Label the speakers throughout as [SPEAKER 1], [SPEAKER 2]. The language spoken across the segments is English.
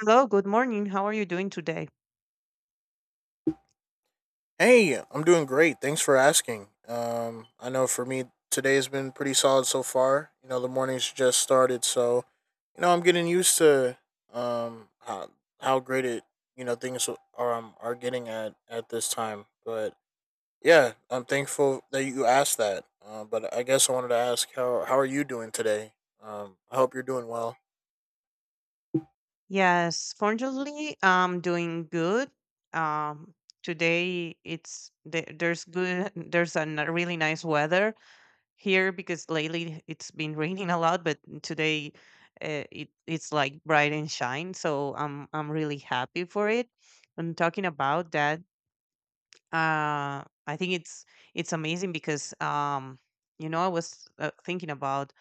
[SPEAKER 1] Hello, good morning. How are you doing today?
[SPEAKER 2] Hey, I'm doing great. Thanks for asking. I know for me today has been pretty solid so far. You know, the morning's just started, so I'm getting used to um how, how great it things are getting at this time. But yeah, I'm thankful that you asked that. But I guess I wanted to ask how are you doing today? I hope you're doing well.
[SPEAKER 1] Yes, fortunately, I'm doing good. Um, Today there's good there's a really nice weather here because lately it's been raining a lot, but today it's like bright and shine. So I'm really happy for it. And talking about that, I think it's amazing because I was thinking about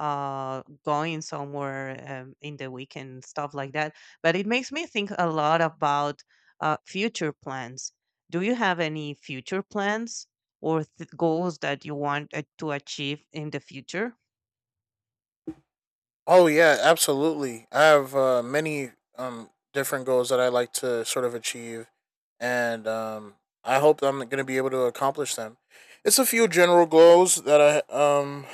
[SPEAKER 1] going somewhere in the weekend stuff like that, but it makes me think a lot about future plans. Do you have any future plans or goals that you want to achieve in the future?
[SPEAKER 2] Oh yeah, absolutely. I have many different goals that I like to sort of achieve, and I hope that I'm going to be able to accomplish them. It's a few general goals I um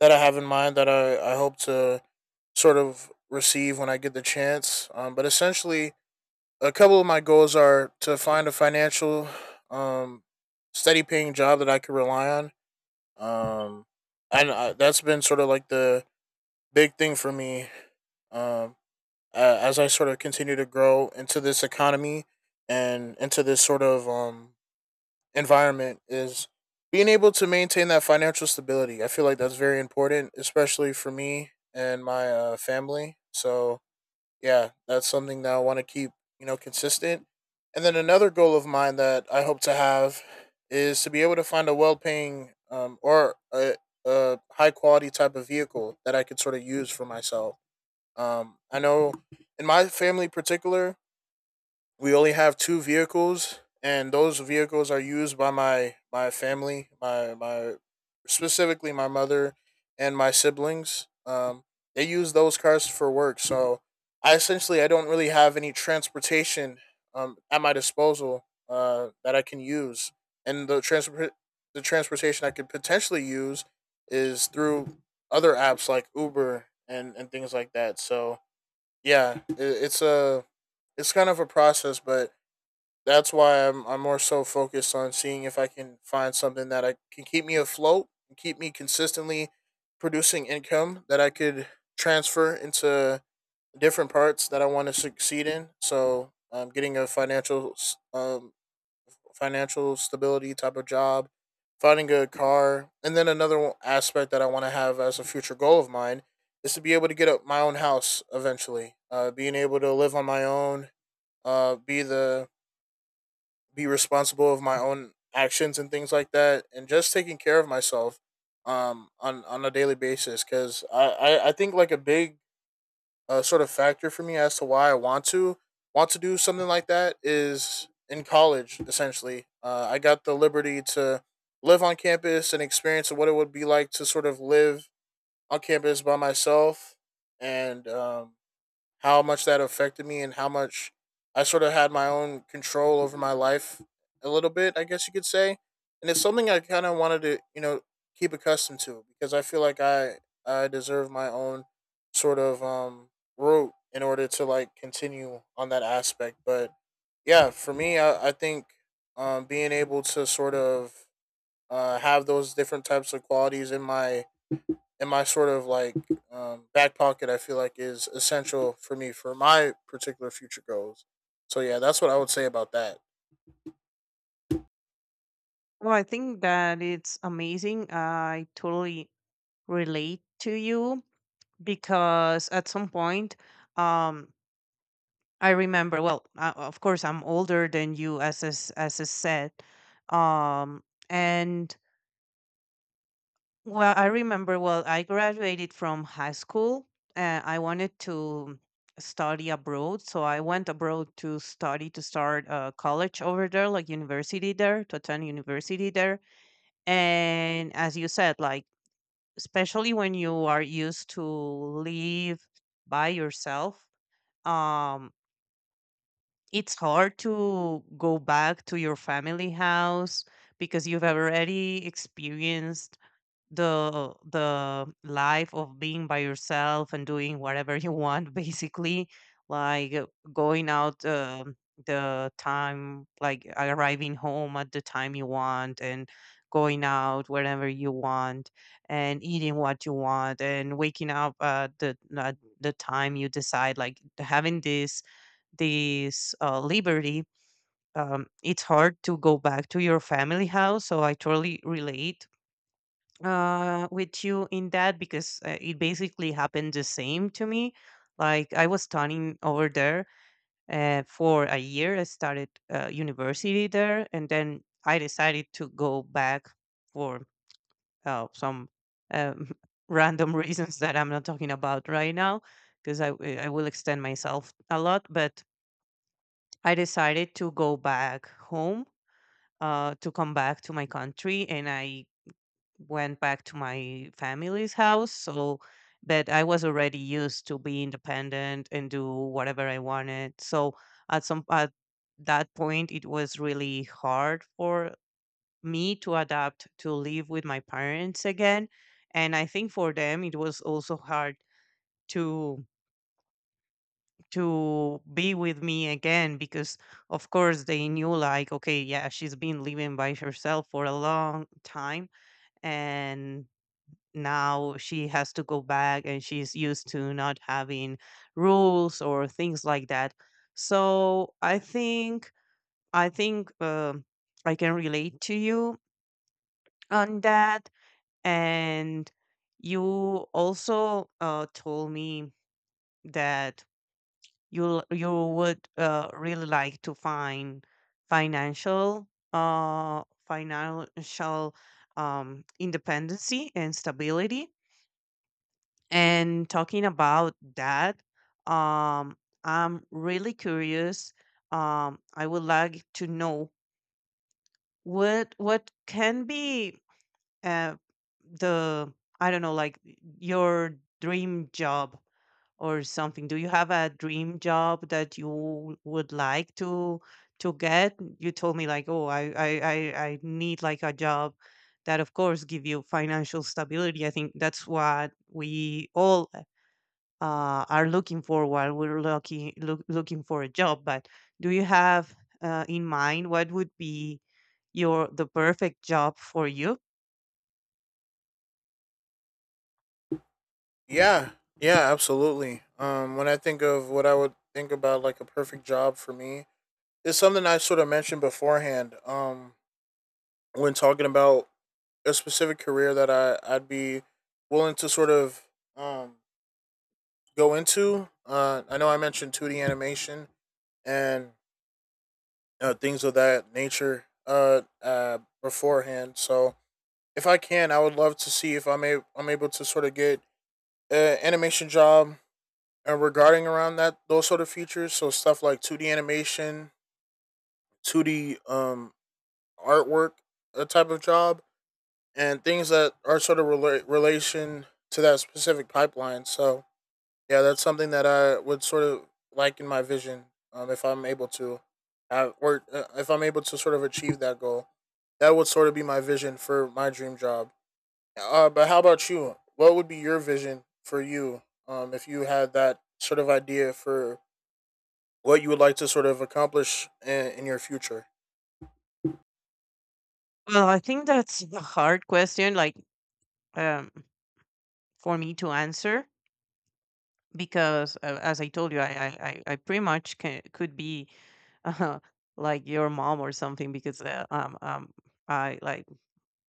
[SPEAKER 2] that I have in mind that I hope to sort of receive when I get the chance. But essentially, a couple of my goals are to find a financial um steady paying job that I can rely on. Um, and That's been sort of like the big thing for me. Um as I sort of continue to grow into this economy and into this sort of environment is being able to maintain that financial stability. I feel like that's very important, especially for me and my family. So yeah, that's something that I want to keep consistent. And then another goal of mine that I hope to have is to be able to find a a high-quality type of vehicle that I could sort of use for myself. I know in my family in particular, we only have two vehicles, and those vehicles are used by my family, my specifically my mother and my siblings. They use those cars for work, so I essentially I don't really have any transportation, at my disposal that I can use, and the transportation I could potentially use is through other apps like Uber and things like that. So yeah, it's a it's kind of a process, but that's why I'm more so focused on seeing if I can find something that I can keep me afloat and keep me consistently producing income that I could transfer into different parts that I want to succeed in. So, getting a financial stability type of job, finding a good car, and then another aspect that I want to have as a future goal of mine is to be able to get up my own house eventually. Being able to live on my own, uh, be the be responsible of my own actions and things like that, and just taking care of myself on a daily basis because I think like a big sort of factor for me as to why I want to do something like that is in college. Essentially, I got the liberty to live on campus and experience what it would be like to sort of live on campus by myself and how much that affected me and how much I sort of had my own control over my life a little bit, I guess you could say. And it's something I kind of wanted to, you know, keep accustomed to because I feel like I deserve my own sort of route in order to like continue on that aspect. But yeah, for me, I think being able to sort of have those different types of qualities in my sort of like back pocket. I feel like is essential for me for my particular future goals. So yeah, that's what I would say about that.
[SPEAKER 1] Well, I think that it's amazing. I totally relate to you because at some point, um I remember, well, of course I'm older than you, as is said, um and well, I remember, well, I graduated from high school and I wanted to study abroad. So I went abroad to study, to start a college over there, like university there, to attend university there. And as you said, like, especially when you are used to live by yourself, um, it's hard to go back to your family house because you've already experienced the life of being by yourself and doing whatever you want, basically, like going out, the time, like arriving home at the time you want, and going out wherever you want, and eating what you want, and waking up at the time you decide, like having this this liberty. It's hard to go back to your family house, so I totally relate with you in that, because it basically happened the same to me. Like I was studying over there for a year. I started university there, and then I decided to go back for some um, random reasons that I'm not talking about right now, because I will extend myself a lot. But I decided to go back home. To come back to my country, and I went back to my family's house. So, but I was already used to be independent and do whatever I wanted. So, at some at that point, it was really hard for me to adapt to live with my parents again, and I think for them it was also hard to to be with me again, because of course they knew, like, okay, yeah, she's been living by herself for a long time, and now she has to go back, and she's used to not having rules or things like that. So I think, I think, I can relate to you on that. And you also told me that you would really like to find financial independency and stability. And talking about that, um, I'm really curious. I would like to know what can be uh, the, I don't know, like, your dream job or something. Do you have a dream job that you would like to get? You told me, like, oh, I need like a job that, of course, give you financial stability. I think that's what we all are looking for while we're looking for a job. But do you have in mind what would be your the perfect job for you?
[SPEAKER 2] Yeah, yeah absolutely. When I think of what I would think about like a perfect job for me, it's something I sort of mentioned beforehand when talking about a specific career that I'd be willing to sort of um go into. I know I mentioned two D animation and things of that nature beforehand. So if I can, I would love to see if I'm able to sort of get an animation job regarding around that those sort of features. So stuff like two D animation, two D artwork, a type of job and things that are sort of relation to that specific pipeline. So yeah, that's something that I would sort of like in my vision, if I'm able to have. Or If I'm able to sort of achieve that goal, that would sort of be my vision for my dream job. But how about you? What would be your vision for you if you had that sort of idea for what you would like to sort of accomplish in your future?
[SPEAKER 1] Well, I think that's a hard question, like, um, for me to answer because, as I told you, I pretty much could be uh, like your mom or something, because I like,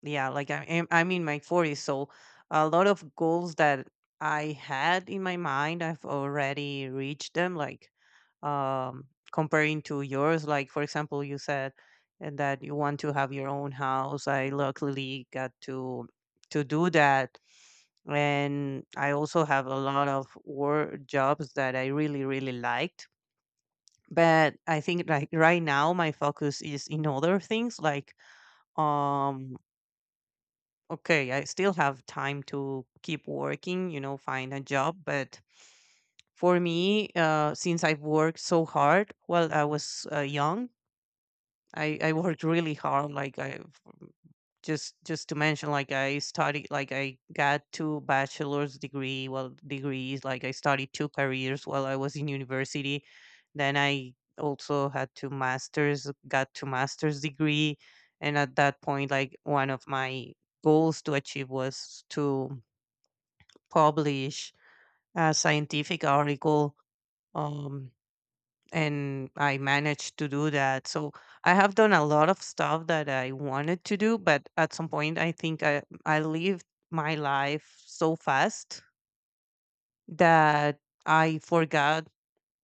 [SPEAKER 1] yeah, like I'm in my 40s, so a lot of goals that I had in my mind, I've already reached them. Like, um, comparing to yours, like, for example, you said and that you want to have your own house. I luckily got to do that, and I also have a lot of work jobs that I really really liked. But I think, like, right now my focus is in other things, like, um okay, I still have time to keep working, you know, find a job. But for me, since I've worked so hard while I was young, I worked really hard. Like, I just to mention, like, I studied, like, I got two bachelor's degree, well, degrees. Like, I studied two careers while I was in university. Then I also had two masters, got two masters degree, and at that point, like, one of my goals to achieve was to publish a scientific article. Um, and I managed to do that. So I have done a lot of stuff that I wanted to do, but at some point I think I lived my life so fast that I forgot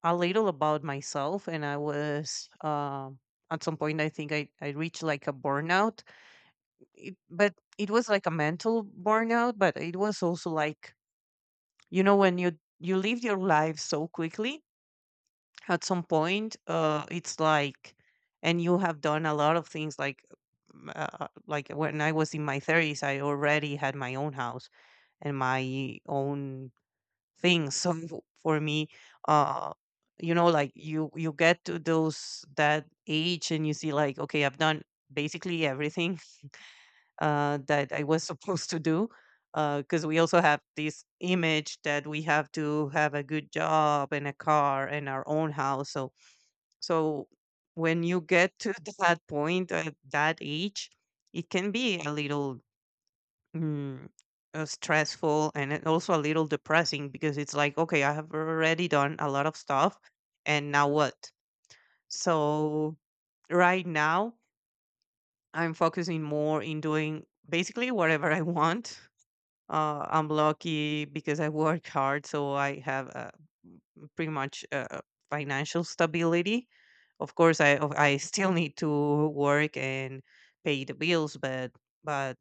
[SPEAKER 1] a little about myself, and I was at some point I think I reached like a burnout. But it was like a mental burnout, but it was also like, you know, when you live your life so quickly, at some point it's like, and you have done a lot of things, like, like when I was in my 30s I already had my own house and my own things. For me, uh you know, like, you get to those that age and you see, like, okay, I've done basically everything that I was supposed to do, because we also have this image that we have to have a good job and a car and our own house. So, when you get to that point at that age, it can be a little mm, stressful, and it also a little depressing, because it's like, okay, I have already done a lot of stuff, and now what? So, right now, I'm focusing more in doing basically whatever I want. I'm lucky because I work hard, so I have m- pretty much financial stability. Of course, I still need to work and pay the bills, but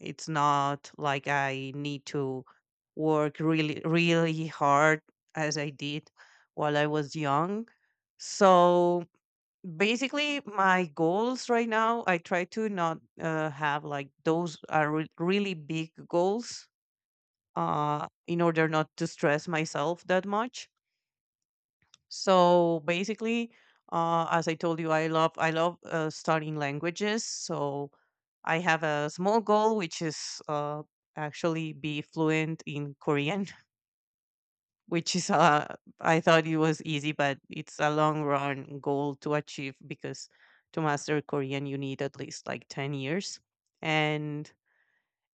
[SPEAKER 1] it's not like I need to work really really hard as I did while I was young. So basically, my goals right now, I try to not have like those really big goals in order not to stress myself that much. So basically, as I told you, I love studying languages. So I have a small goal, which is actually be fluent in Korean, which is I thought it was easy, but it's a long run goal to achieve because to master Korean you need at least like 10 years. And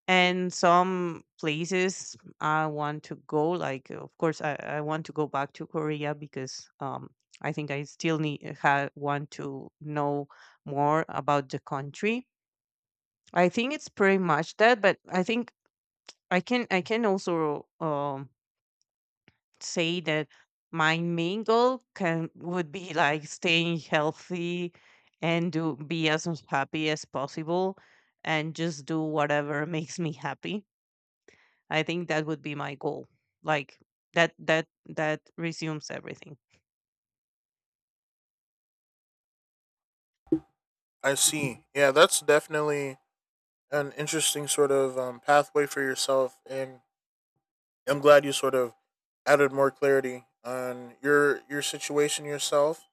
[SPEAKER 1] and some places I want to go. Like, of course, I want to go back to Korea because I think I still need want to know more about the country. I think it's pretty much that, but I think I can also say that my main goal can would be like staying healthy and do be as happy as possible and just do whatever makes me happy. I think that would be my goal. Like, that resumes everything.
[SPEAKER 2] I see. Yeah, that's definitely an interesting sort of pathway for yourself, and I'm glad you sort of added more clarity on your situation yourself,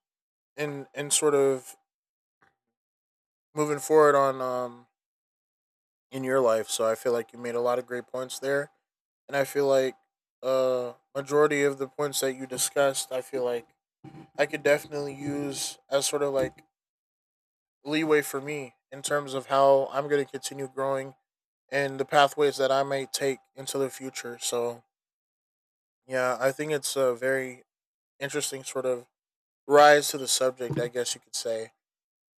[SPEAKER 2] and sort of moving forward on in your life. So I feel like you made a lot of great points there, and I feel like majority of the points that you discussed, I feel like I could definitely use as sort of like leeway for me in terms of how I'm going to continue growing and the pathways that I may take into the future. So yeah, I think it's a very interesting sort of rise to the subject, I guess you could say.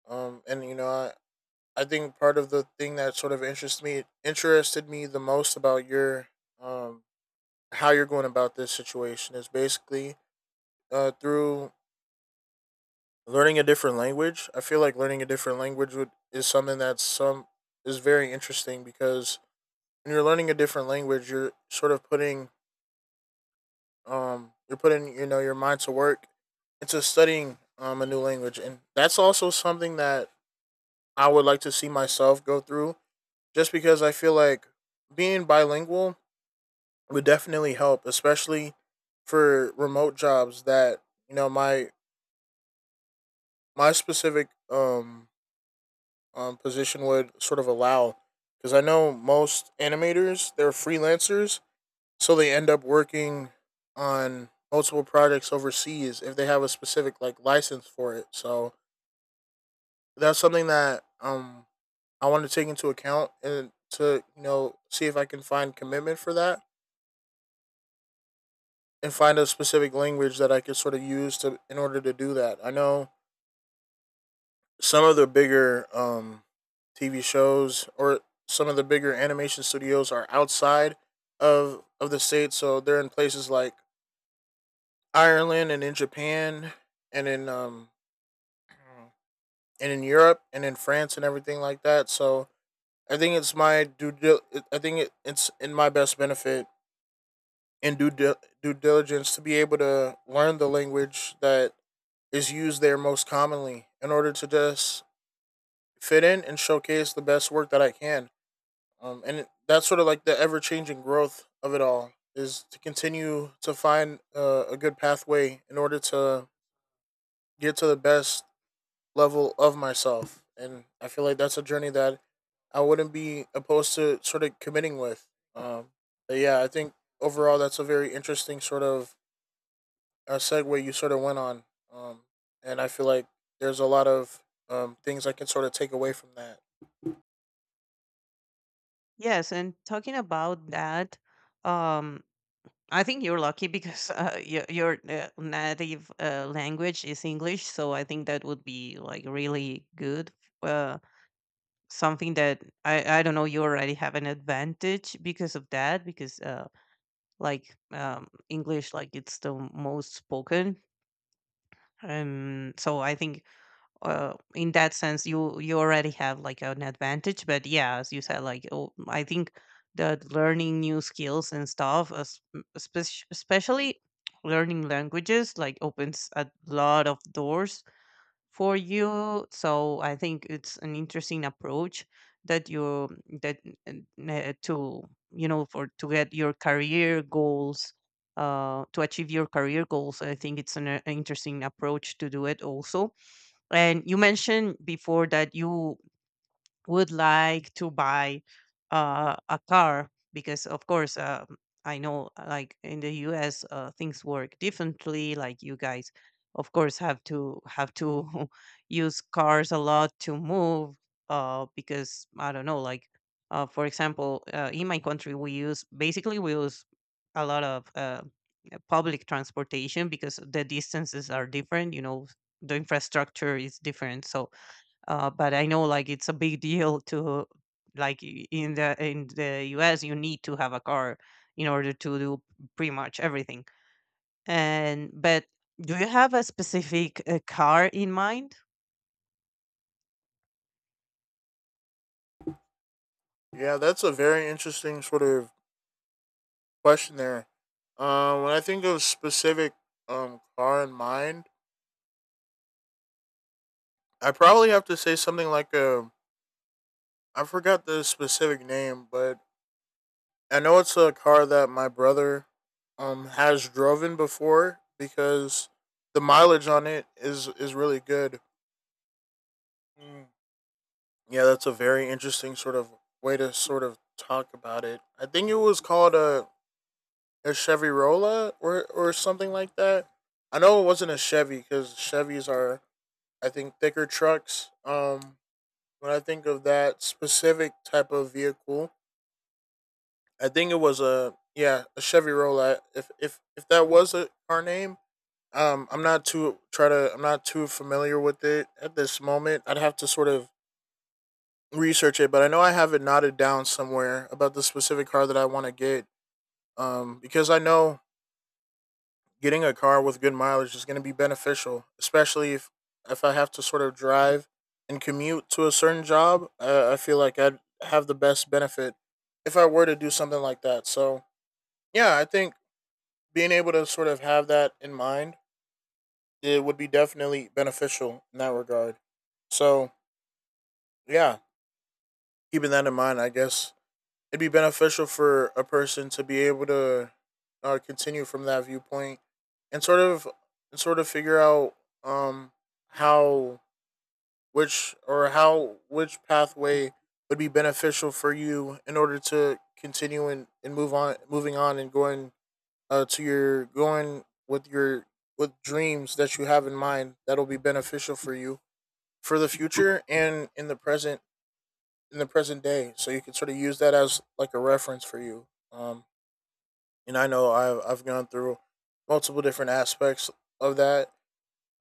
[SPEAKER 2] And you know, I think part of the thing that sort of interests me interested me the most about your um how you're going about this situation is basically through learning a different language. I feel like learning a different language would is something that's some is very interesting because when you're learning a different language, you're sort of putting you're putting, you know, your mind to work into studying a new language, and that's also something that I would like to see myself go through. Just because I feel like being bilingual would definitely help, especially for remote jobs that my specific position would sort of allow. Because I know most animators they're freelancers, so they end up working on multiple projects overseas if they have a specific like license for it. So that's something that I want to take into account, and to, you know, see if I can find commitment for that and find a specific language that I could sort of use to in order to do that. I know some of the bigger TV shows or some of the bigger animation studios are outside of the state, so they're in places like Ireland and in Japan and in and in Europe and in France and everything like that. So I think it's my due. I think it's in my best benefit and due diligence to be able to learn the language that is used there most commonly in order to just fit in and showcase the best work that I can. That's sort of like the ever changing growth of it all is to continue to find a good pathway in order to get to the best level of myself. And I feel like that's a journey that I wouldn't be opposed to sort of committing with. Um, but yeah, I think overall that's a very interesting sort of a segue you sort of went on, um, and I feel like there's a lot of things I can sort of take away from that.
[SPEAKER 1] Yes, and talking about that, um, I think you're lucky because your native language is English, so I think that would be like really good. Uh, something that I don't know, you already have an advantage because of that, because like English, like, it's the most spoken. So I think in that sense, you already have like an advantage. But yeah, as you said, like, oh, I think that learning new skills and stuff, especially learning languages, like, opens a lot of doors for you. So I think it's an interesting approach that you that to you know, for to get your career goals, to achieve your career goals. I think it's an interesting approach to do it also. And you mentioned before that you would like to buy a car because of course I know like in the US things work differently, like, you guys, of course, have to use cars a lot to move because I don't know, like, for example, in my country we use basically we use a lot of public transportation, because the distances are different, you know, the infrastructure is different. So but I know, like, it's a big deal to like in the US you need to have a car in order to do pretty much everything. And but do you have a specific car in mind?
[SPEAKER 2] Yeah, that's a very interesting sort of question there. When I think of specific car in mind, I probably have to say something like a, I forgot the specific name, but I know it's a car that my brother has driven before because the mileage on it is really good. Mm. Yeah, that's a very interesting sort of way to sort of talk about it. I think it was called a Chevy Rolla or something like that. I know it wasn't a Chevy because Chevys are I think thicker trucks. When I think of that specific type of vehicle, I think it was a, yeah, a Chevy Roulette. If that was a car name, I'm not too try to I'm not too familiar with it at this moment. I'd have to sort of research it, but I know I have it knotted down somewhere about the specific car that I want to get. Because I know getting a car with good mileage is going to be beneficial, especially if I have to sort of drive and commute to a certain job. I feel like I'd have the best benefit if I were to do something like that. So yeah, I think being able to sort of have that in mind, it would be definitely beneficial in that regard. So, yeah, keeping that in mind, I guess it'd be beneficial for a person to be able to continue from that viewpoint and sort of figure out um how which or how which pathway would be beneficial for you in order to continue and move on moving on and going to your going with your with dreams that you have in mind that'll be beneficial for you for the future and in the present day, so you can sort of use that as like a reference for you. And I've gone through multiple different aspects of that.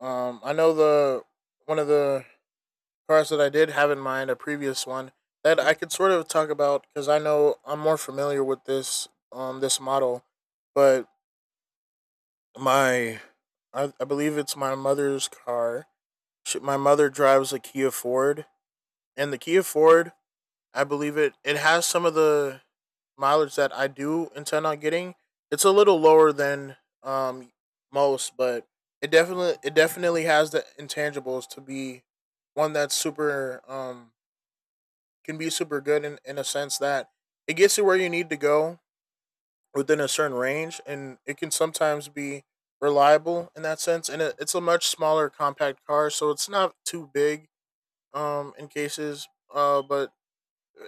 [SPEAKER 2] I know the one of the cars that I did have in mind, a previous one that I could sort of talk about because I know I'm more familiar with this, this model. But my I, I believe it's my mother's car. My mother drives a Kia Ford, and the Kia Ford, I believe it has some of the mileage that I do intend on getting. It's a little lower than um most, but it definitely has the intangibles to be one that's super can be super good, in a sense that it gets you where you need to go within a certain range, and it can sometimes be reliable in that sense. And it's a much smaller compact car, so it's not too big in cases. But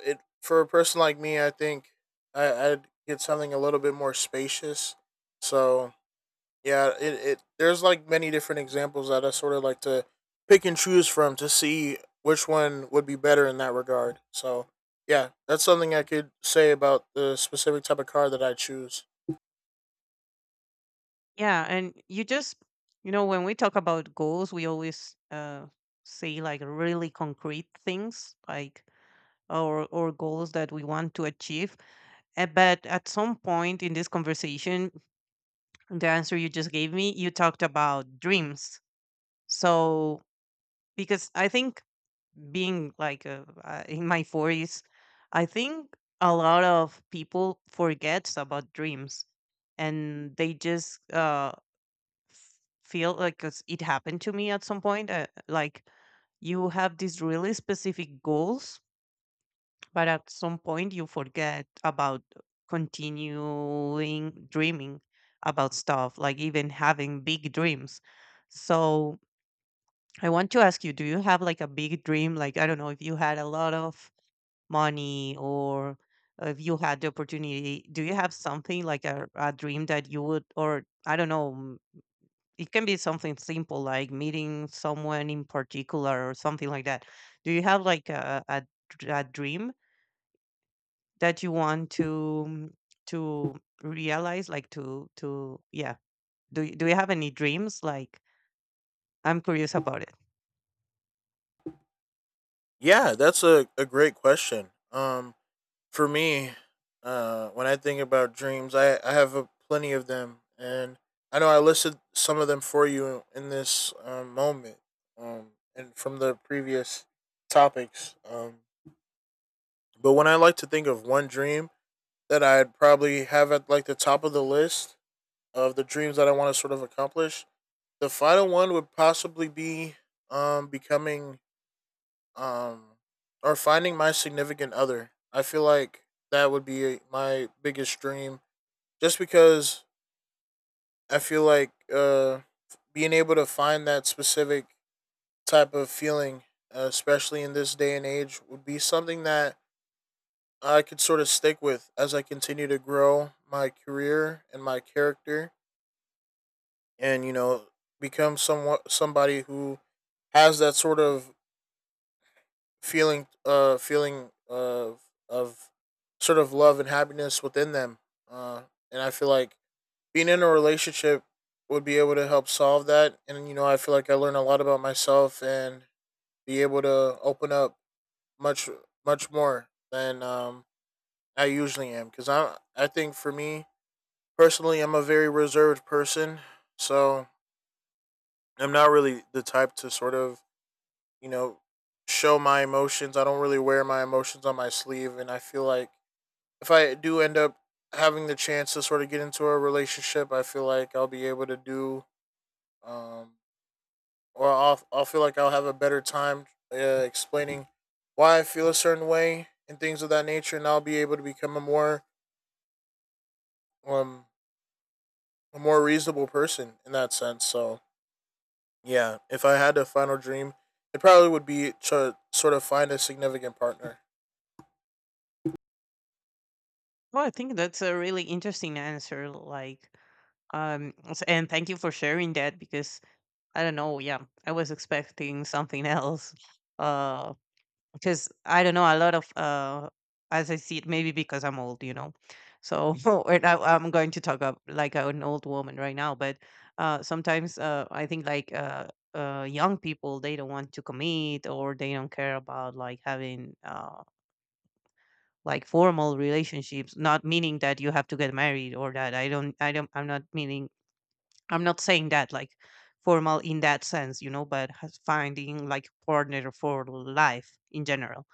[SPEAKER 2] it for a person like me, I think I'd get something a little bit more spacious. So yeah, it there's like many different examples that I sort of like to pick and choose from to see which one would be better in that regard. So yeah, that's something I could say about the specific type of car that I choose.
[SPEAKER 1] Yeah, and you just, you know, when we talk about goals, we always say, like, really concrete things, like, or goals that we want to achieve. But at some point in this conversation, the answer you just gave me, you talked about dreams. So because I think being like in my forties, I think a lot of people forgets about dreams, and they just f- feel like, 'cause it happened to me at some point like, you have these really specific goals, but at some point you forget about continuing dreaming about stuff, like even having big dreams. So I want to ask you, do you have like a big dream? Like, I don't know, if you had a lot of money, or if you had the opportunity, do you have something like a dream that you would, or I don't know, it can be something simple, like meeting someone in particular or something like that. Do you have like a a dream that you want to realize, like to yeah. Do you have any dreams? Like, I'm curious about it.
[SPEAKER 2] Yeah, that's a great question. For me, when I think about dreams, I have a plenty of them, and I know I listed some of them for you in this moment, um, and from the previous topics. But when I like to think of one dream that I'd probably have at like the top of the list of the dreams that I want to sort of accomplish, the final one would possibly be becoming um or finding my significant other. I feel like that would be my biggest dream just because I feel like being able to find that specific type of feeling, especially in this day and age, would be something that I could sort of stick with as I continue to grow my career and my character, and you know, become somewhat somebody who has that sort of feeling feeling of sort of love and happiness within them. Uh, and I feel like being in a relationship would be able to help solve that. And you know, I feel like I learned a lot about myself and be able to open up much much more than I usually am. Because I think for me personally, I'm a very reserved person, so I'm not really the type to sort of, you know, show my emotions. I don't really wear my emotions on my sleeve, and I feel like if I do end up having the chance to sort of get into a relationship, I feel like I'll be able to do, um, or I'll feel like I'll have a better time explaining why I feel a certain way and things of that nature, and I'll be able to become a um more reasonable person in that sense. So yeah, if I had a final dream, it probably would be to sort of find a significant partner.
[SPEAKER 1] Well, I think that's a really interesting answer, like, and thank you for sharing that, because I don't know, yeah, I was expecting something else. Uh because I don't know, a lot of as I see it, maybe because I'm old, you know. So or now I'm going to talk up like an old woman right now, but sometimes I think like young people, they don't want to commit, or they don't care about like having like formal relationships, not meaning that you have to get married, or that I'm not meaning, I'm not saying that, like, formal in that sense, you know, but finding like partner for life in general.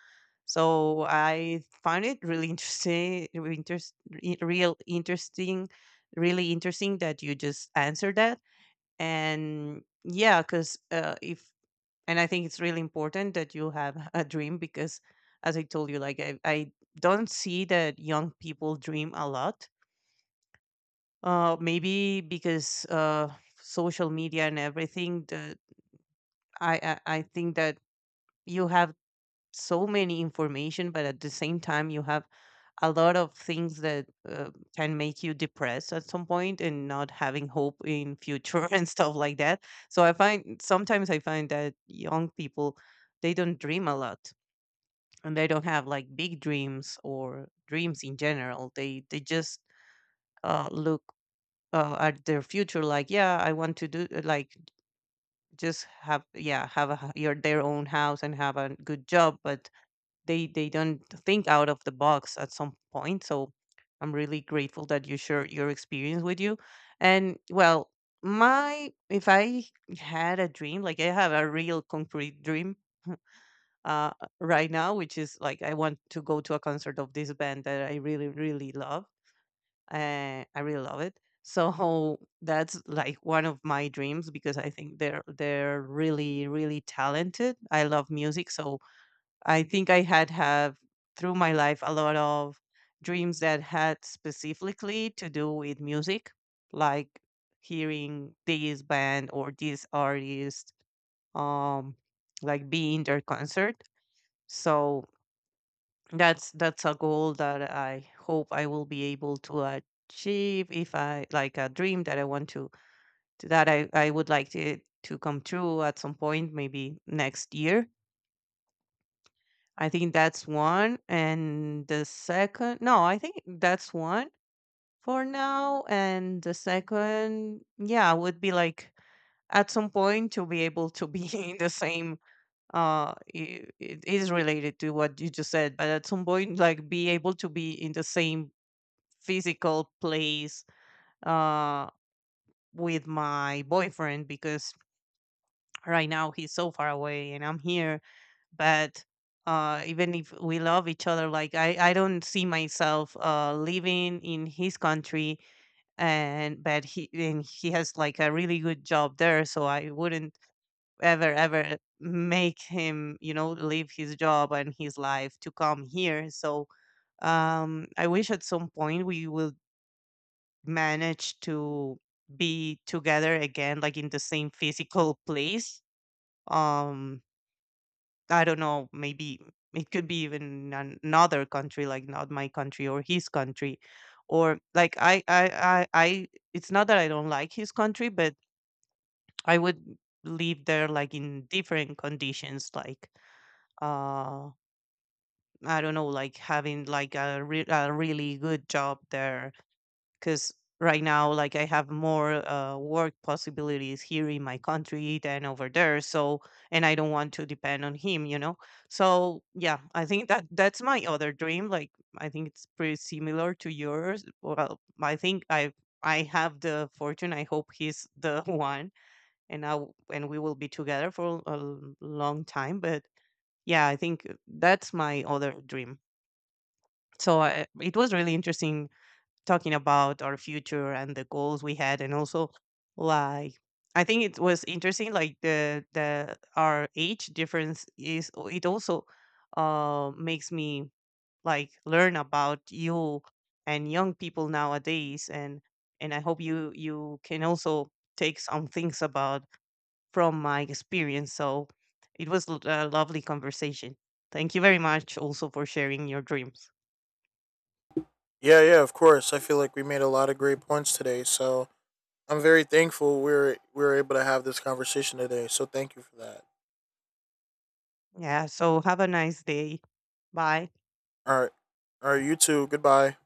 [SPEAKER 1] So I find it really interesting, real interesting, really interesting that you just answered that. And yeah, because if and I think it's really important that you have a dream because, as I told you, like, I don't see that young people dream a lot. Maybe because social media and everything. The, I think that you have so many information, but at the same time, you have a lot of things that can make you depressed at some point and not having hope in future and stuff like that. So I find, sometimes I find that young people, they don't dream a lot, and they don't have like big dreams or dreams in general. They just look at their future, like, yeah, I want to do, like, just have, yeah, have your their own house and have a good job, but they don't think out of the box at some point. So I'm really grateful that you share your experience with you. And well, my, if I had a dream, like, I have a real concrete dream uh right now, which is like I want to go to a concert of this band that I really, really love. I really love it. So that's like one of my dreams because I think they're really, really talented. I love music, so I think I had have through my life a lot of dreams that had specifically to do with music, like hearing this band or this artist, um, like being their concert. So that's a goal that I hope I will be able to achieve, if I, like, a dream that I want to, that I would like to come true at some point, maybe next year. I think that's one, and the second, no, I think that's one for now, and the second, yeah, would be like, at some point to be able to be in the same, I it is related to what you just said, but at some point, like, be able to be in the same physical place, uh, with my boyfriend, because right now he's so far away and I'm here. But even if we love each other, like, I don't see myself living in his country, and but he has like a really good job there, so I wouldn't ever ever make him, you know, leave his job and his life to come here. So I wish at some point we will manage to be together again, like in the same physical place. Um, I don't know, maybe it could be even another country, like not my country or his country, or like I. It's not that I don't like his country, but I would live there like in different conditions, like uh, I don't know, like having like a really good job there, because right now, like, I have more work possibilities here in my country than over there. So, and I don't want to depend on him, you know. So yeah, I think that that's my other dream. Like, I think it's pretty similar to yours. Well, I think I have the fortune, I hope he's the one, and we will be together for a long time, but yeah, I think that's my other dream. So I, it was really interesting talking about our future and the goals we had, and also, like, I think it was interesting, like, the our age difference is, it also makes me like learn about you and young people nowadays, and I hope you can also take some things about from my experience. So it was a lovely conversation. Thank you very much also for sharing your dreams.
[SPEAKER 2] Yeah, yeah, of course. I feel like we made a lot of great points today, so I'm very thankful we are able to have this conversation today. So thank you for that.
[SPEAKER 1] Yeah, so have a nice day. Bye.
[SPEAKER 2] All right, all right, you too. Goodbye.